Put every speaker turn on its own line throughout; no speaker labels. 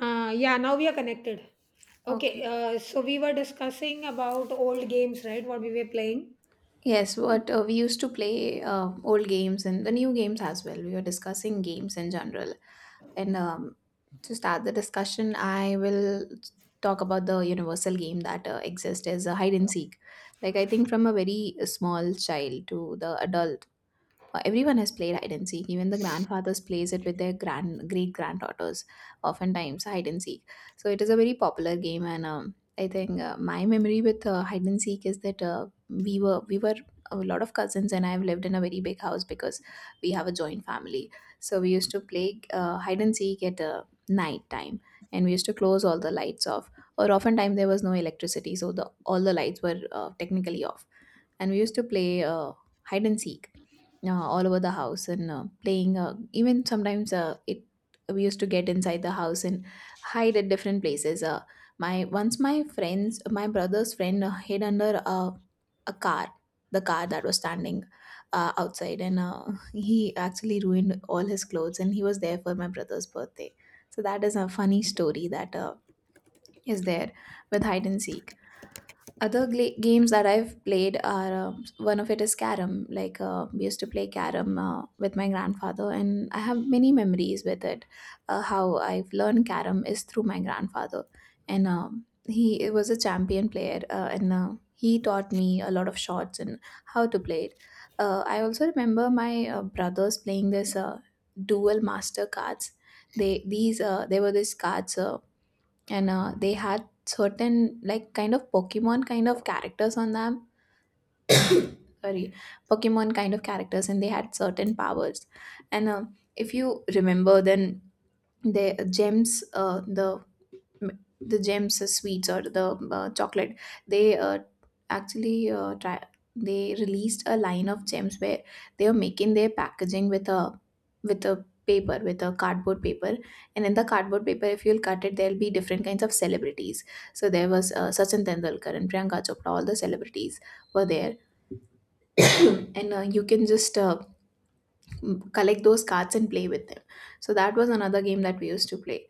Yeah, Now we are connected. Okay,
Okay.
uh, so we were discussing about old games, right? What we were playing.
Yes, what we used to play old games and the new games as well. We were discussing games in general. And To start the discussion, I will talk about the universal game that exists as a hide and seek. Like, I think from a very small child to the adult. Everyone has played hide and seek. Even the grandfathers plays it with their grand great granddaughters. Oftentimes, hide and seek. So it is a very popular game, and I think my memory with hide and seek is that we were a lot of cousins, and I've lived in a very big house because we have a joint family. So we used to play hide and seek at night time, and we used to close all the lights off. Or oftentimes there was no electricity, so the all the lights were technically off, and we used to play hide and seek all over the house, and playing even sometimes it we used to get inside the house and hide at different places. My once my friends my brother's friend hid under a car, the car that was standing outside, and he actually ruined all his clothes, and he was there for my brother's birthday. So that is a funny story that is there with hide and seek. Other games that I've played are one of it is carom. Like we used to play carom with my grandfather, and I have many memories with it. How I've learned carom is through my grandfather, and he was a champion player, and he taught me a lot of shots and how to play it. I also remember my brothers playing this dual master cards. They were these cards. And They had certain, like, kind of pokemon kind of characters on them. Sorry, pokemon kind of characters, and they had certain powers. And If you remember then, the gems, m- the gems sweets or the chocolate. They actually uh, try, they released a line of gems where they were making their packaging with a cardboard paper, and in the cardboard paper if you'll cut it, there'll be different kinds of celebrities. So there was Sachin Tendulkar and Priyanka Chopra, all the celebrities were there. and You can just collect those cards and play with them. So that was another game that we used to play.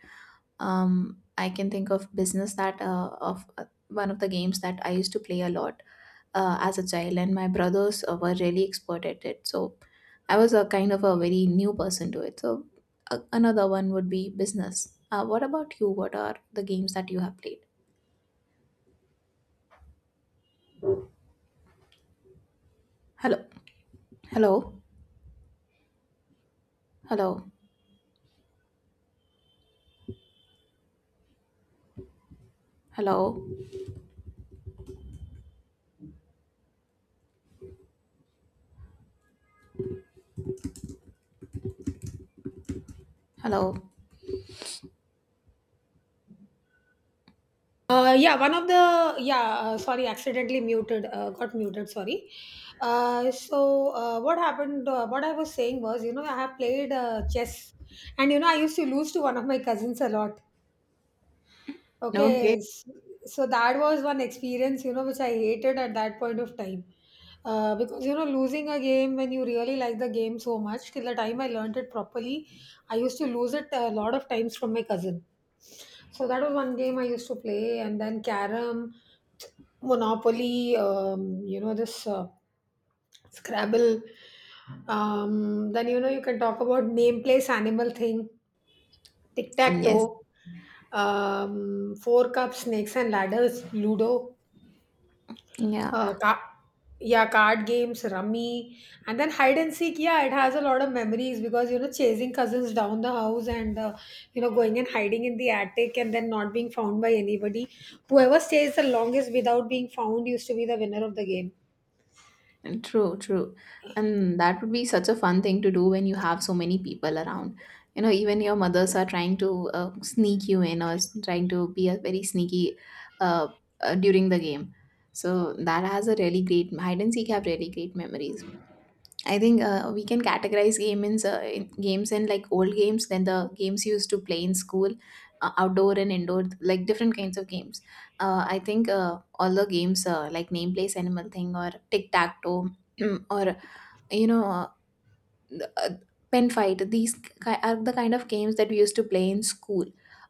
I can think of business that of one of the games that I used to play a lot as a child, and my brothers were really expert at it. So I was a kind of a very new person to it. So another one would be business. What about you? What are the games that you have played? Hello, hello, hello, hello, hello.
Yeah, one of the yeah, sorry, Accidentally muted, got muted. Sorry. What happened? What I was saying was, you know, I have played chess, and you know, I used to lose to one of my cousins a lot.
Okay.
Okay, s- so that was one experience, you know, which I hated at that point of time. Because, you know, losing a game when you really like the game so much, till the time I learned it properly, I used to lose it a lot of times from my cousin. So that was one game I used to play, and then Carom, Monopoly, you know, this Scrabble. Then, you know, you can talk about name, place, animal thing, tic tac toe,
Yes.
four Cups, snakes and ladders, Ludo,
Yeah.
uh, ca- yeah, card games, rummy, and then hide and seek. Yeah, it has a lot of memories because you know chasing cousins down the house, and you know going and hiding in the attic and then not being found by anybody. Whoever stays the longest without being found used to be the winner of the game.
And true, true. And that would be such a fun thing to do when you have so many people around. You know, even your mothers are trying to sneak you in, or trying to be a very sneaky uh, during the game. So that has a really great hide and seek, have really great memories. I think we can categorize games in, like, old games, then the games you used to play in school, outdoor and indoor, like different kinds of games. I think all the games like name place animal thing, or tic tac toe, or you know uh, pen fight, these are the kind of games that we used to play in school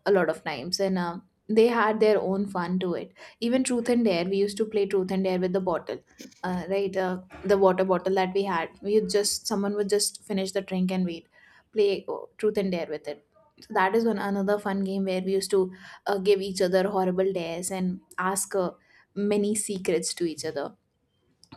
a lot of times, and they had their own fun to it. Even truth and dare, we used to play truth and dare with the bottle, uh, right uh, the water bottle that we had. We would just, someone would just finish the drink and we'd play truth and dare with it. So that is one another fun game where we used to give each other horrible dares and ask many secrets to each other.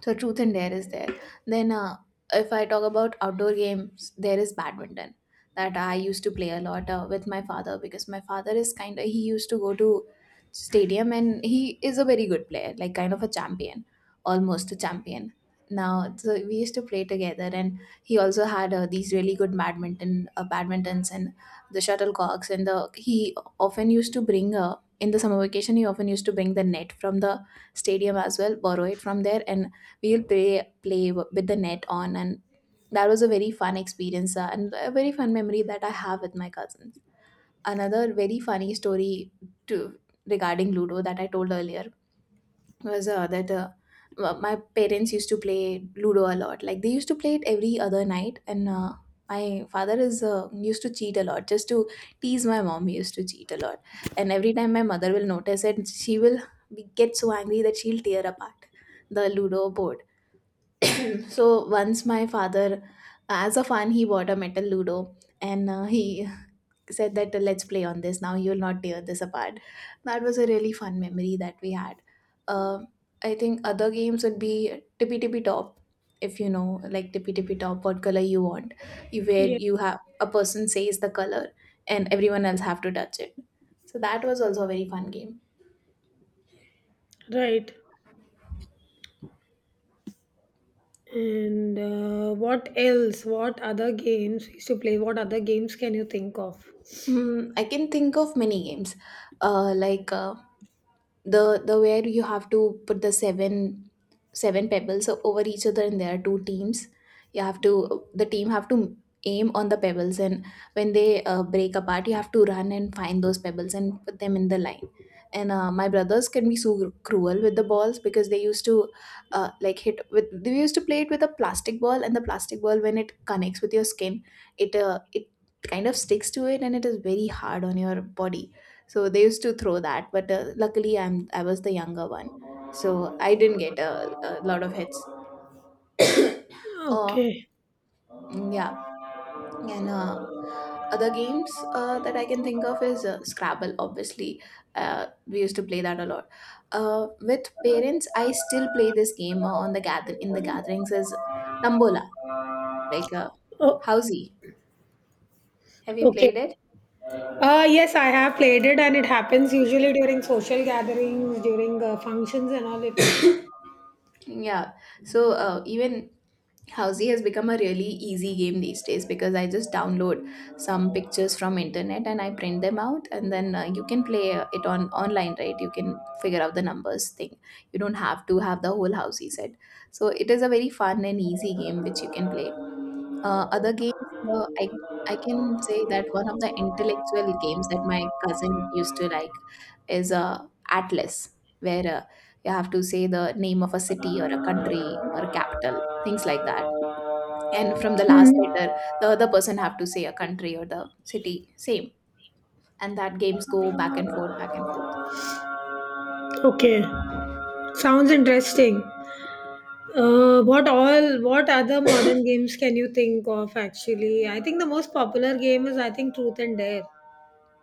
So truth and dare is there. Then if I talk about outdoor games, there is badminton that I used to play a lot with my father, because my father is kind of, he used to go to stadium, and he is a very good player, like kind of a champion, almost a champion. Now, so we used to play together, and he also had these really good badminton, badmintons, and the shuttlecocks, and the he often used to bring in the summer vacation. He often used to bring the net from the stadium as well, borrow it from there, and we will play with the net on, and that was a very fun experience, and a very fun memory that I have with my cousins. Another very funny story, to, regarding ludo that I told earlier, was my parents used to play ludo a lot. Like, they used to play it every other night, and my father is, used to cheat a lot just to tease my mom. He used to cheat a lot, and every time my mother will notice it, she will be, get so angry that she'll tear apart the ludo board. So once my father, as a fun, he bought a metal Ludo, and he said that, let's play on this. Now you'll not tear this apart. That was a really fun memory that we had. Um I think other games would be tippy tippy top. If you know, like tippy tippy top, what color you want, you, where
Yeah,
you have a person says the color, and everyone else have to touch it. So that was also a very fun game.
right. And What else? What other games we used to play? What other games can you think of?
Mm, I can think of many games, like. The where you have to put the seven pebbles over each other, and there are two teams. You have to, the team have to aim on the pebbles, and when they break apart, you have to run and find those pebbles and put them in the line. And my brothers can be so cruel with the balls, because they used to like hit with, they used to play it with a plastic ball, and the plastic ball, when it connects with your skin, it kind of sticks to it, and it is very hard on your body. So they used to throw that, but luckily I was the younger one, so I didn't get a lot of hits. uh
Okay.
yeah. And other games that I can think of is scrabble, obviously. We used to play that a lot with parents. I still play this game on the gather in the gatherings is tambola, like uh,
Oh.
housey. Have you
Okay.
played it?
Yes, I have played it, and it happens usually during social gatherings, during functions, and all. They play.
Yeah. So even Housey has become a really easy game these days, because I just download some pictures from internet and I print them out, and then you can play it on online, right? You can figure out the numbers thing. You don't have to have the whole Housey set. So it is a very fun and easy game which you can play. Other games, I can say that one of the intellectual games that my cousin used to like is Atlas, where you have to say the name of a city or a country or a capital, things like that, and from the last
Hmm.
letter the other person have to say a country or the city same, and that games go back and forth, back and forth.
Okay. Sounds interesting. What all? What other modern games can you think of? Actually, I think the most popular game is I think Truth and Dare.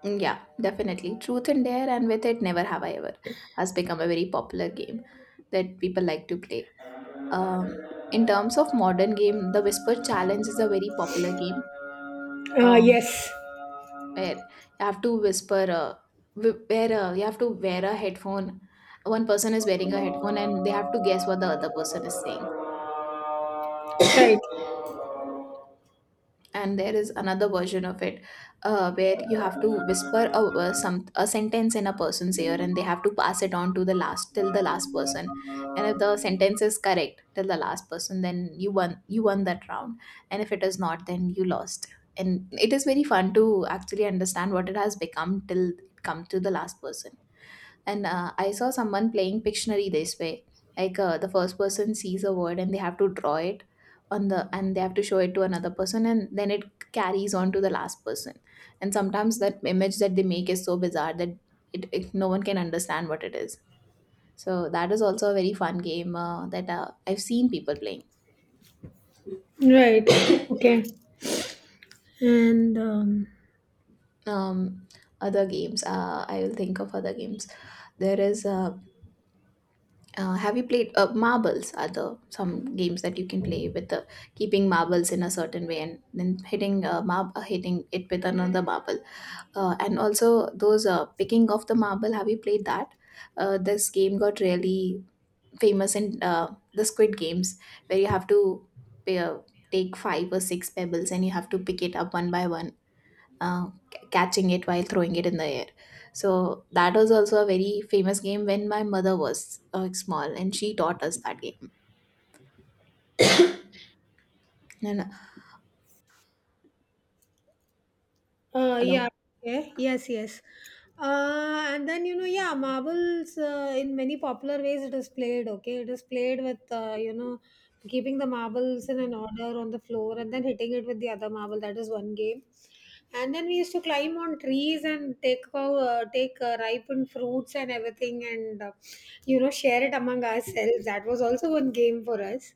Mm, yeah, definitely truth and dare, and with it, never have I ever has become a very popular game that people like to play. In terms of modern game, the whisper challenge is a very popular game, um,
Yes.
where you have to whisper, wh- where you have to wear a headphone. One person is wearing a headphone and they have to guess what the other person is saying.
Right.
And there is another version of it, where you have to whisper a sentence in a person's ear, and they have to pass it on to the last, till the last person. And if the sentence is correct till the last person, then you won that round, and if it is not, then you lost. And it is very fun to actually understand what it has become till it come to the last person. And I saw someone playing Pictionary this way. The first person sees a word and they have to draw it on the and they have to show it to another person, and then it carries on to the last person. And sometimes that image that they make is so bizarre that it no one can understand what it is. So that is also a very fun game that I've seen people playing.
Right. Okay. And
Um, Other games, I will think of other games. There is Have you played marbles? Are the some games that you can play with the keeping marbles in a certain way and then hitting hitting it with another marble? And also those picking off the marble. Have you played that? This game got really famous in the Squid Games, where you have to pay, uh, take five or six pebbles and you have to pick it up one by one, catching it while throwing it in the air. So that was also a very famous game when my mother was small, and she taught us that game. And
Uh,
Hello,
yeah, okay. Yes, yes. And then, you know, yeah, marbles in many popular ways it is played, okay? It is played with, you know, keeping the marbles in an order on the floor and then hitting it with the other marble. That is one game. And then we used to climb on trees and take ripened fruits and everything, and you know, share it among ourselves. That was also one game for us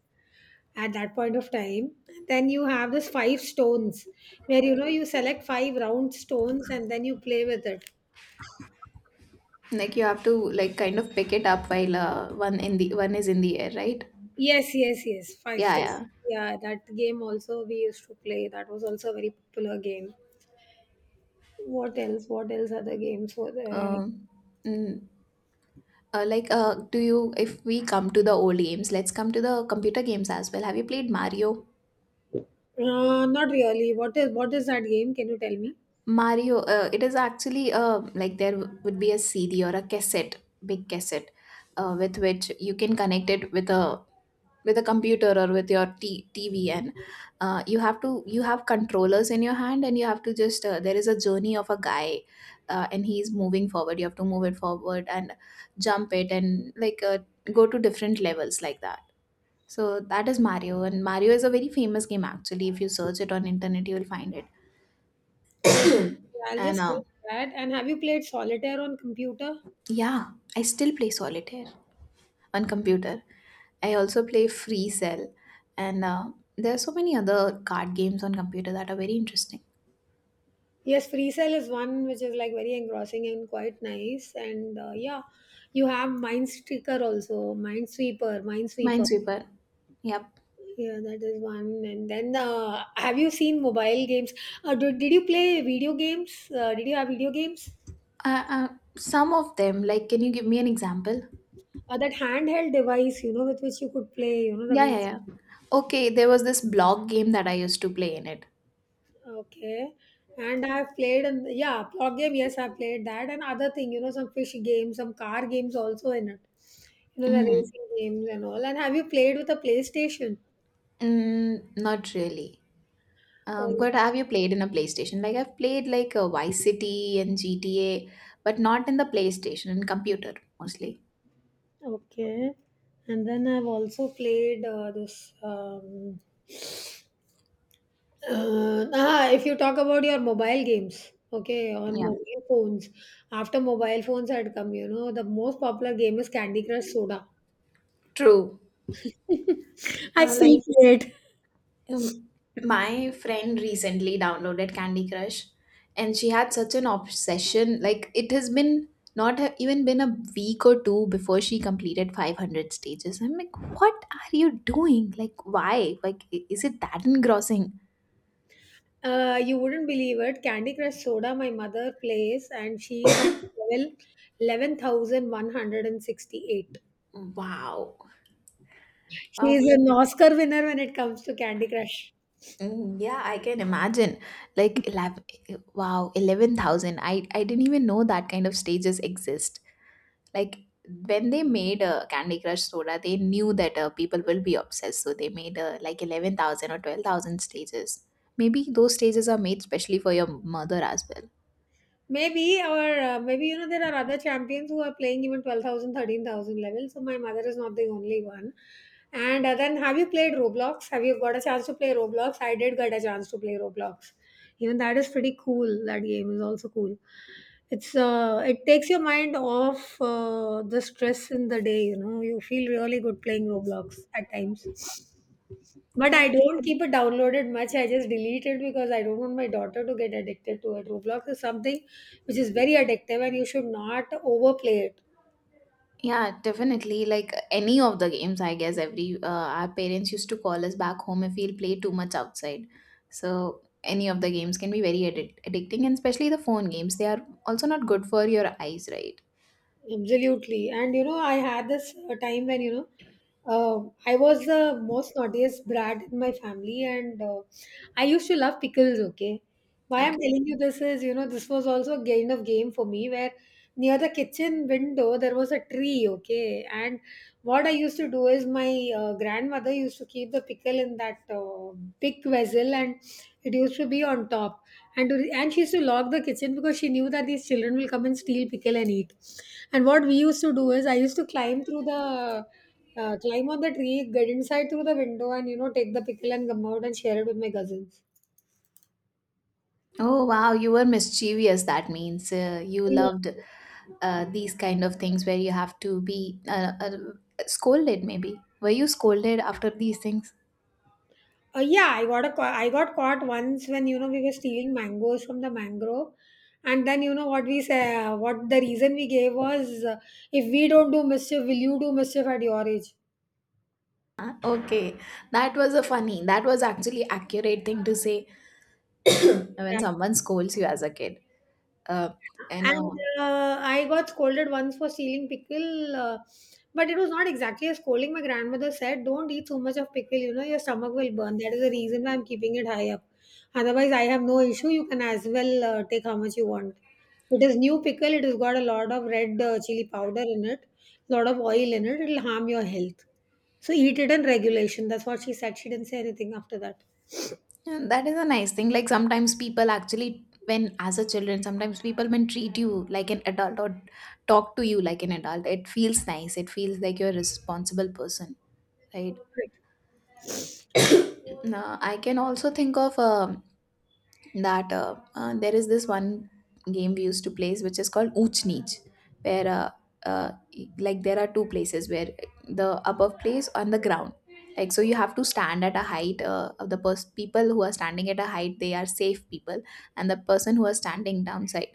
at that point of time. Then you have this five stones, where you know you select five round stones and then you play with it.
like you have to like kind of pick it up while one is in the air, right?
Yes, yes, yes, five
Yeah,
stones,
yeah.
yeah, that game also we used to play. That was also a very popular game. What else? What else are the games for there?
Um, mm, do you? If we come to the old games, let's come to the computer games as well. Have you played Mario?
Not really, what is that game, can you tell me?
Mario, it is actually like there would be a CD or a cassette, big cassette, with which you can connect it with a computer or with your TV, and you have controllers in your hand, and you have to just there is a journey of a guy, and he's moving forward. You have to move it forward and jump it, and go to different levels like that. So that is Mario, and Mario is a very famous game actually. If you search it on internet, you will find it.
Oh, I'll
and
just say that. And have you played solitaire on computer?
Yeah, I still play solitaire on computer. I also play Free Cell, and there are so many other card games on computer that are very interesting.
Yes, free cell is one which is like very engrossing and quite nice. And yeah, you have Mind sticker also, Mind Sweeper, Mind Sweeper.
Minesweeper. Yep.
Yeah, that is one. And then have you seen mobile games? Did you play video games? Did you have video games?
Uh, uh, some of them, like, can you give me an example?
That handheld device, you know, with which you could play, you know, the
Yeah,
video.
yeah, yeah. Okay, there was this block game that I used to play in it.
Okay. And I've played in, yeah, plot game, yes, I've played that, and other thing, you know, some fish games, some car games also in it. You know, the
Mm.
racing games and all. And have you played with a PlayStation?
Mm, not really.
Oh,
But have you played in a PlayStation? Like I've played like a Vice City and GTA, but not in the PlayStation, in computer mostly.
okay. And then I've also played this ah, If you talk about your mobile games, okay, on
Yeah,
mobile phones. After mobile phones had come, you know, the most popular game is Candy Crush Soda.
true.
I
Uh,
still
like
play it.
um, my friend recently downloaded Candy Crush, and she had such an obsession. Like it has been not ha- even been a week or two before she completed 500 stages. I'm like, what are you doing? Like, why? Like, is it that engrossing?
You wouldn't believe it. Candy Crush Soda, my mother plays, and she's at level 11,168.
Wow.
She
Wow.
is
pe-
an Oscar winner when it comes to Candy Crush.
Mm, yeah, I can imagine. Like, 11, wow, 11,000. I didn't even know that kind of stages exist. Like when they made a Candy Crush Soda, they knew that people will be obsessed, so they made like 11,000 or 12,000 stages. Maybe those stages are made specially for your mother as well.
Maybe, or maybe you know there are other champions who are playing even twelve thousand thirteen thousand 13,000 level. So my mother is not the only one. And Then have you played Roblox? Have you got a chance to play Roblox? I did get a chance to play Roblox. Even that is pretty cool. That game is also cool. It's it takes your mind off the stress in the day. You know, you feel really good playing Roblox at times. But I don't keep it downloaded much. I just delete it because I don't want my daughter to get addicted to it. Roblox is something which is very addictive and you should not overplay it.
Yeah, definitely. Like any of the games, I guess, every our parents used to call us back home if we'll play too much outside. So any of the games can be very addicting, and especially the phone games, they are also not good for your eyes, right?
Absolutely. And you know, I had this time when, you know, Uh, I was the most naughtiest brat in my family, and I used to love pickles. Okay, why I'm
Okay.
telling you this is, you know, this was also a kind of game for me where near the kitchen window there was a tree. Okay, and what I used to do is my grandmother used to keep the pickle in that big vessel, and it used to be on top. And she used to lock the kitchen because she knew that these children will come and steal pickle and eat. And what we used to do is I used to climb through the climb on the tree, get inside through the window, and you know, take the pickle and come out and share it with my cousins.
Oh wow, you were mischievous. That means you
Yeah.
loved these kind of things where you have to be scolded. Maybe were you scolded after these things?
I got caught once when you know we were stealing mangoes from the mangrove, and then you know what we say, what the reason we gave was, if we don't do mischief, will you do mischief at your age?
Huh? Okay, that was a funny that was actually accurate thing to say when someone scolds you as a kid. uh, and
And
uh,
I got scolded once for stealing pickle, but it was not exactly a scolding. My grandmother said, "Don't eat so much of pickle, you know, your stomach will burn. That is the reason why I'm keeping it high up. Otherwise, I have no issue. You can as well take how much you want. It is new pickle, it has got a lot of red chili powder in it, lot of oil in it. It'll harm your health. So eat it in regulation." That's what she said. She didn't say anything after that.
and that is a nice thing. Like sometimes people actually when as a children, sometimes people when treat you like an adult or talk to you like an adult, it feels nice, it feels like you're a responsible person, right? Now I can also think of that there is this one game we used to play which is called ooch neech, where uh, there are two places where the above place and the ground, like so you have to stand at a height people who are standing at a height, they are safe people, and the person who are standing downside,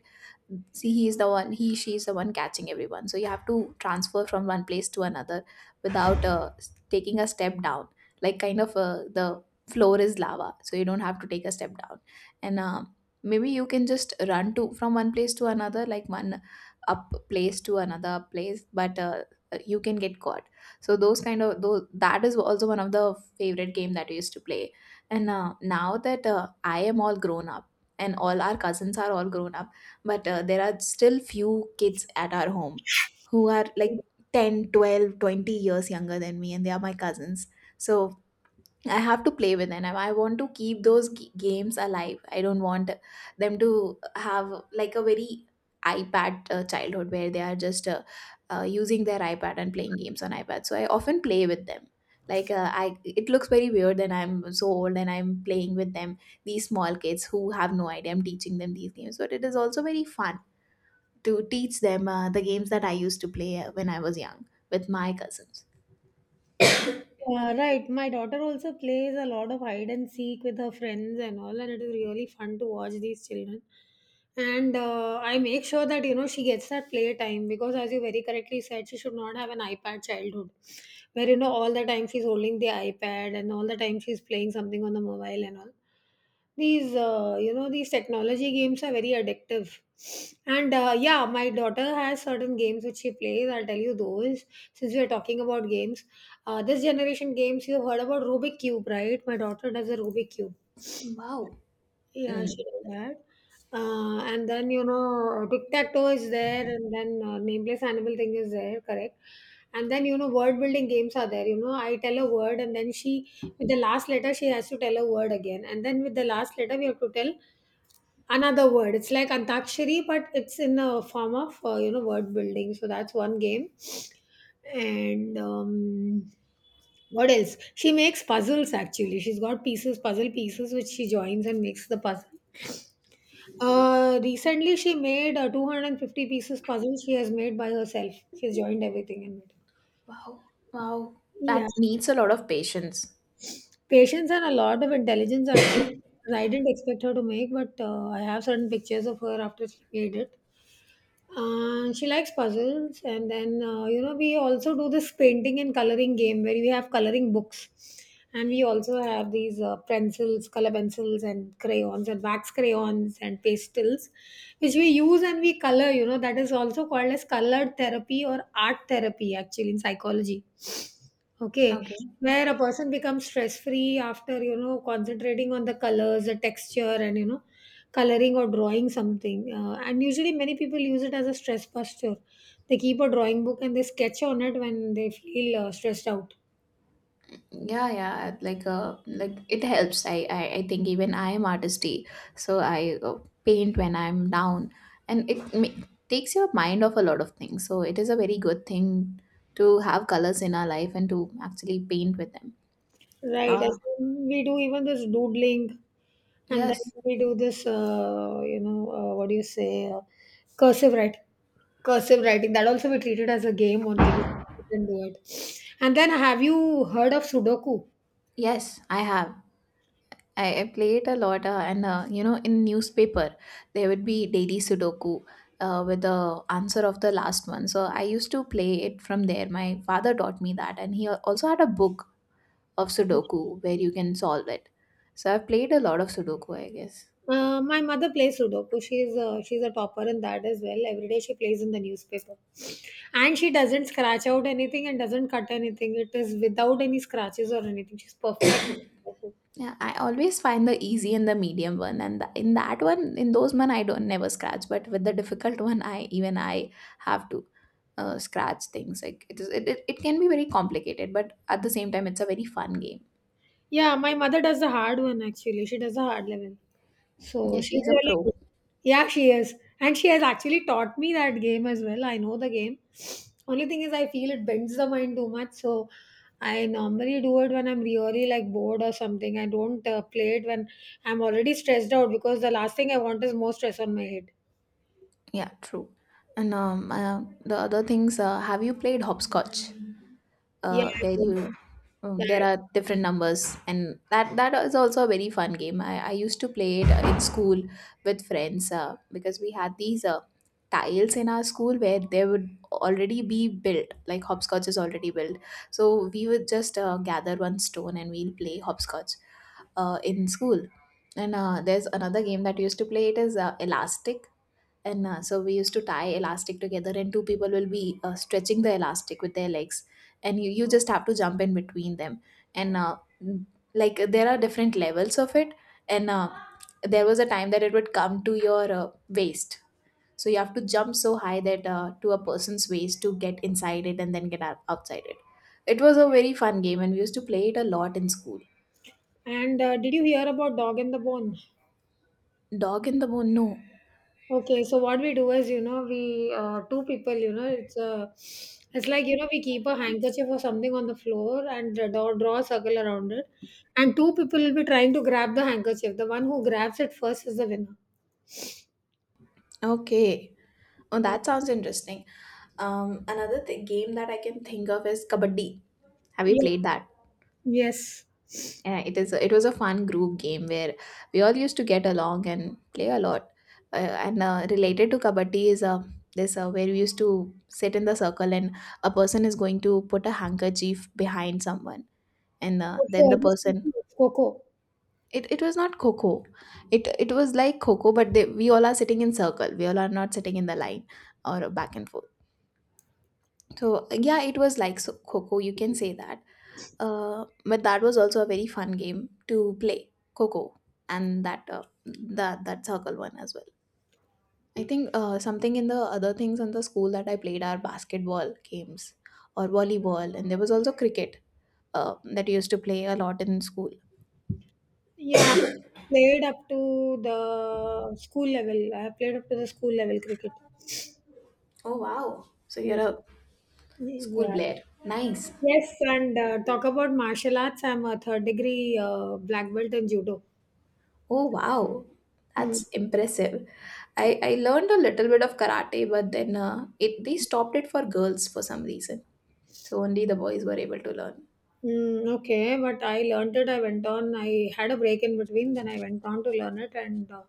see he she is the one catching everyone. So you have to transfer from one place to another without taking a step down, like kind of the floor is lava, so you don't have to take a step down. And Maybe you can just run to from one place to another, like one up place to another place, but you can get caught. So those kind of those, that is also one of the favorite game that we used to play. And Now that I am all grown up, and all our cousins are all grown up, but there are still few kids at our home who are like 10, 12, 20 years younger than me, and they are my cousins. So I have to play with them, and I want to keep those games alive. I don't want them to have like a very iPad childhood, where they are just using their iPad and playing games on iPad. So I often play with them. I it looks very weird that I'm so old and I'm playing with them, these small kids who have no idea. I'm teaching them these games, but it is also very fun to teach them the games that I used to play when I was young with my cousins.
Right. My daughter also plays a lot of hide and seek with her friends and all, and it is really fun to watch these children. And I make sure that you know she gets that play time because, as you very correctly said, she should not have an iPad childhood, where you know all the time she's holding the iPad and all the time she's playing something on the mobile and all. These you know these technology games are very addictive. And Yeah, my daughter has certain games which she plays. I'll tell you those since we are talking about games. This generation games, you've heard about Rubik Cube, right? My daughter does a Rubik Cube.
Wow.
Yeah, she
Mm.
does that. And then, you know, tic-tac-toe is there, and then nameless animal thing is there, correct? And then, you know, word building games are there. You know, I tell a word, and then she, with the last letter, she has to tell a word again. And then with the last letter, we have to tell another word. It's like antakshari, but it's in a form of, you know, word building. So that's one game. And what else, she makes puzzles. Actually, she's got pieces puzzle pieces which she joins and makes the puzzle. Uh, recently she made a 250 pieces puzzle. She has made by herself, she's joined everything and made
Wow. Wow.
it.
That
Yeah,
needs a lot of patience.
patience and a lot of intelligence, actually. I didn't expect her to make, but I have certain pictures of her after she made it. She likes puzzles, and then you know we also do this painting and coloring game where we have coloring books, and we also have these pencils, color pencils, and crayons and wax crayons and pastels, which we use and we color. You know that is also called as colored therapy or art therapy actually in psychology. Okay,
Okay.
where a person becomes stress free after you know concentrating on the colors, the texture, and you know coloring or drawing something. And usually, many people use it as a stress buster. They keep a drawing book and they sketch on it when they feel stressed out.
Yeah, yeah. Like it helps. I think even I am artisty. So I paint when I'm down, and it takes your mind off a lot of things. So it is a very good thing to have colors in our life and to actually paint with them.
Right.
Ah,
As in we do even this doodling, and
yes.
then we do this, you know, what do you say, cursive writing. Cursive writing, that also we treat it as a game only. We didn't do it. And then, have you heard of Sudoku?
Yes, I have. I played a lot, and you know, in newspaper there would be daily Sudoku with the answer of the last one. So I used to play it from there. My father taught me that, and he also had a book of Sudoku where you can solve it. So I've played a lot of Sudoku, I guess.
My mother plays Sudoku. She's a topper in that as well. Every day she plays in the newspaper, and she doesn't scratch out anything and doesn't cut anything. It is without any scratches or anything. She's perfect.
Yeah, I always find the easy and the medium one, and the, in that one, in those one, I don't never scratch. But with the difficult one, I have to scratch things. Like it is, it can be very complicated, but at the same time, it's a very fun game.
Yeah, my mother does the hard one actually. She does the hard level, so
Yeah,
she's
she's a
really
pro.
good. Yeah, she is. And she has actually taught me that game as well. I know the game. Only thing is, I feel it bends the mind too much. So I normally do it when I'm really like bored or something. I don't play it when I'm already stressed out because the last thing I want is more stress on my head.
Yeah, true. And The other things, have you played hopscotch?
Yeah. I
Where
do that.
you, there
Yeah.
are different numbers, and that is also a very fun game. I used to play it in school with friends because we had these tiles in our school where they would already be built, like hopscotch is already built. So we would just gather one stone and we'll play hopscotch in school. And There's another game that we used to play. It is elastic, and so we used to tie elastic together and two people will be stretching the elastic with their legs, and you just have to jump in between them, and there are different levels of it, and there was a time that it would come to your waist, so you have to jump so high that to a person's waist to get inside it and then get out, outside it. It was a very fun game, and we used to play it a lot in school.
And did you hear about Dog and the Bone?
Dog in the bone? No.
Okay, so what we do is, you know, we two people, you know, it's like you know, we keep a handkerchief or something on the floor and draw a circle around it, and two people will be trying to grab the handkerchief. The one who grabs it first is the winner.
Okay. Oh, that sounds interesting. Another game that I can think of is kabaddi. Have you
Yeah.
played that?
Yes.
Yeah, it is. It was a fun group game where we all used to get along and play a lot. And Related to kabaddi is this where we used to sit in the circle and a person is going to put a handkerchief behind someone, and then
Okay,
the
I just think
person.
it's Coco.
It was not coco. It was like coco, but we all are sitting in circle. We all are not sitting in the line or back and forth. So yeah, it was like Coco. You can say that. But that was also a very fun game to play Coco and that circle one as well. I think something in the other things in the school that I played are basketball games or volleyball, and there was also cricket that I used to play a lot in school.
Yeah, I played up to the school level. I played up to the school level cricket.
Oh wow. So you're
Mm,
a school
yeah.
player. Nice.
Yes, and talk about martial arts. I'm a third degree black belt in judo.
Oh wow,
Mm,
that's impressive. I learned a little bit of karate, but then it they stopped it for girls for some reason. So only the boys were able to learn.
okay, but I learned it. I went on. I had a break in between. Then I went on to learn it. And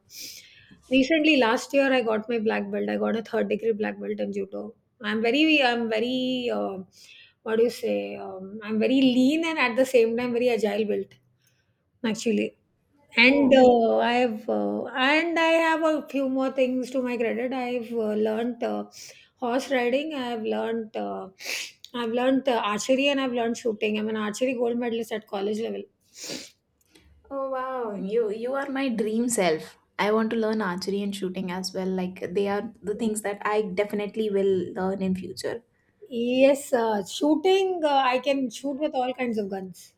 recently, last year, I got my black belt. I got a third degree black belt in judo. I'm very, what do you say? I'm very lean and at the same time very agile built. Actually. And
Oh,
I've and I have a few more things to my credit. I've learned horse riding. I've learned archery and I've learned shooting. I'm an archery gold medalist at college level.
oh wow, you are my dream self. I want to learn archery and shooting as well. Like they are the things that I definitely will learn in future.
Yes, shooting. I can shoot with all kinds of guns.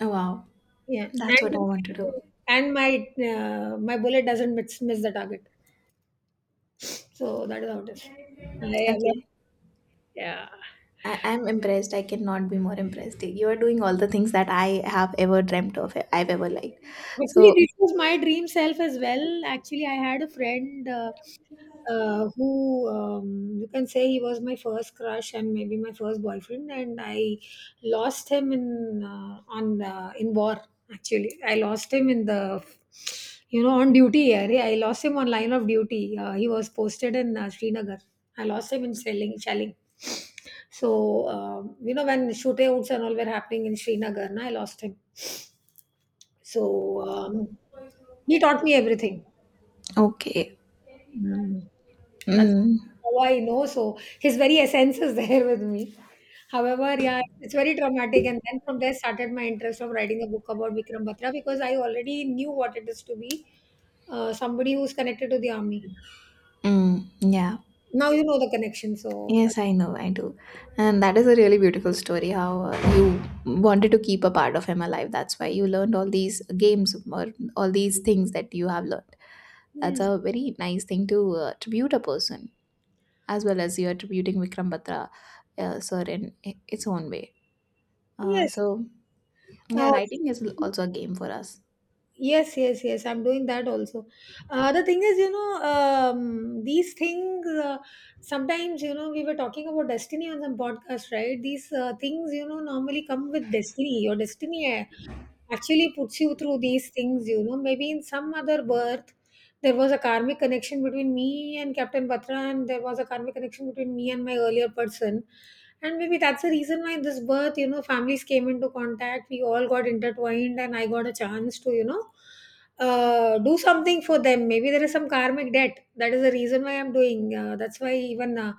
Oh wow,
Yeah,
that's what I
and
want to do.
and my my bullet doesn't miss the target. So that is how it is. I,
Okay.
yeah.
I'm impressed. I cannot be more impressed. You are doing all the things that I have ever dreamt of, I've ever liked.
Actually,
So
this was my dream self as well. Actually, I had a friend who you can say he was my first crush and maybe my first boyfriend, and I lost him in on in war. Actually, I lost him in the you know on duty. Yeah, I lost him on line of duty. He was posted in Srinagar. I lost him in shelling. Shelling. So you know when shootouts and all were happening in Srinagar, na, I lost him. So, um, he taught me everything.
okay.
Mm. That's
Mm,
how I know. So his very essence is there with me. However, yeah, it's very traumatic. And then from there started my interest of writing a book about Vikram Batra because I already knew what it is to be somebody who's connected to the army.
mm, yeah.
Now you know the connection. So that,
Yes, I know, I do. And that is a really beautiful story how you wanted to keep a part of him alive. That's why you learned all these games or all these things that you have learned. That's
hmm,
a very nice thing to tribute a person, as well as you're tributing Vikram Batra, sir, in its own way. Uh,
yes.
so, yeah,
Uh,
writing is also a game for us.
yes, yes, yes. I'm doing that also. The thing is, you know, these things, sometimes, you know, we were talking about destiny on some podcast, right? These things, you know, normally come with destiny. Your destiny actually puts you through these things, you know. Maybe in some other birth, there was a karmic connection between me and Captain Batra, and there was a karmic connection between me and my earlier person. And maybe that's the reason why this birth, you know, families came into contact, we all got intertwined, and I got a chance to, you know, do something for them. Maybe there is some karmic debt. That is the reason why I'm doing. That's why even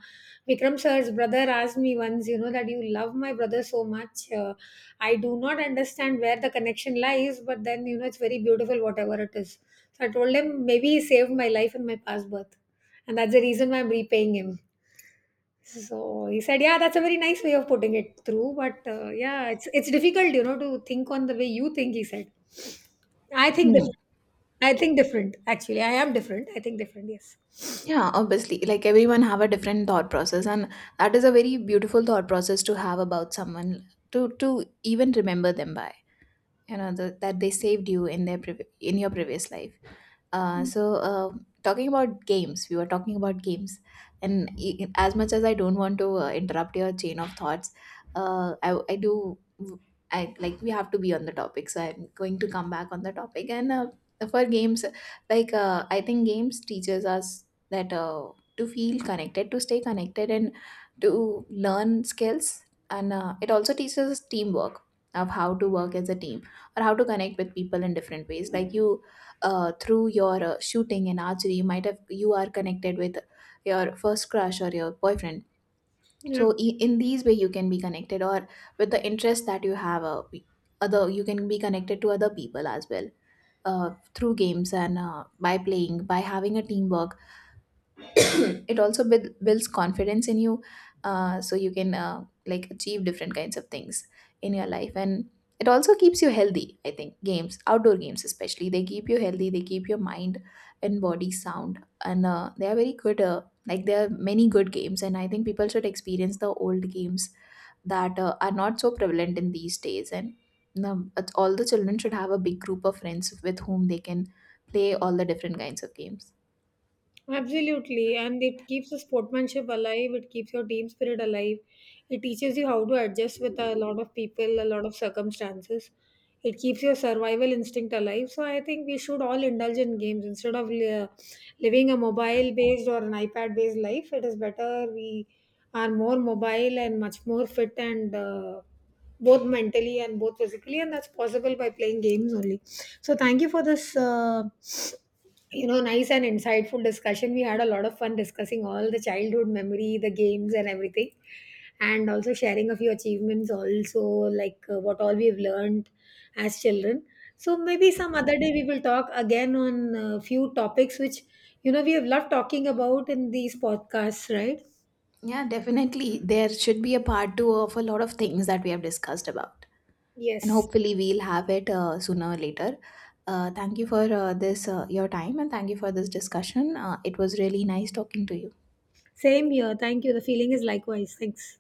Vikram sir's brother asked me once, you know, that you love my brother so much. I do not understand where the connection lies, but then you know it's very beautiful, whatever it is. So I told him maybe he saved my life in my past birth, and that's the reason why I'm repaying him. So he said, "Yeah, that's a very nice way of putting it through, but yeah, it's difficult, you know, to think on the way you think." He said, "I think different. I think different. Actually, I am different. I think different. Yes.
Yeah, obviously, like everyone have a different thought process, and that is a very beautiful thought process to have about someone to even remember them by. You know that they saved you in their in your previous life. Uh, so, uh, talking about games, we were talking about games, and as much as I don't want to interrupt your chain of thoughts, I do. I like we have to be on the topic, so I'm going to come back on the topic. And for games, like I think games teaches us that to feel connected, to stay connected, and to learn skills, and it also teaches us teamwork of how to work as a team or how to connect with people in different ways. Like you through your shooting and archery you might have you are connected with your first crush or your boyfriend, so
Yeah.
in these way you can be connected or with the interest that you have other you can be connected to other people as well, uh, through games and by playing by having a teamwork. It also builds confidence in you, so you can like achieve different kinds of things in your life. And it also keeps you healthy. I think games, outdoor games especially, they keep you healthy, they keep your mind and body sound. And they are very good. Like there are many good games and I think people should experience the old games that are not so prevalent in these days. And you know, all the children should have a big group of friends with whom they can play all the different kinds of games.
Absolutely, and it keeps the sportsmanship alive. It keeps your team spirit alive. It teaches you how to adjust with a lot of people, a lot of circumstances. It keeps your survival instinct alive. So I think we should all indulge in games instead of living a mobile-based or an iPad-based life. It is better we are more mobile and much more fit and both mentally and both physically, and that's possible by playing games only. So thank you for this. You know, nice and insightful discussion. We had a lot of fun discussing all the childhood memory, the games and everything, and also sharing a few achievements also, like what all we've learned as children. So maybe some other day we will talk again on a few topics which you know we have loved talking about in these podcasts, right?
Yeah, definitely. There should be a part two of a lot of things that we have discussed about. And
Yes,
hopefully we'll have it sooner or later. Thank you for your time, and thank you for this discussion. It was really nice talking to you.
same here. Thank you. The feeling is likewise. Thanks.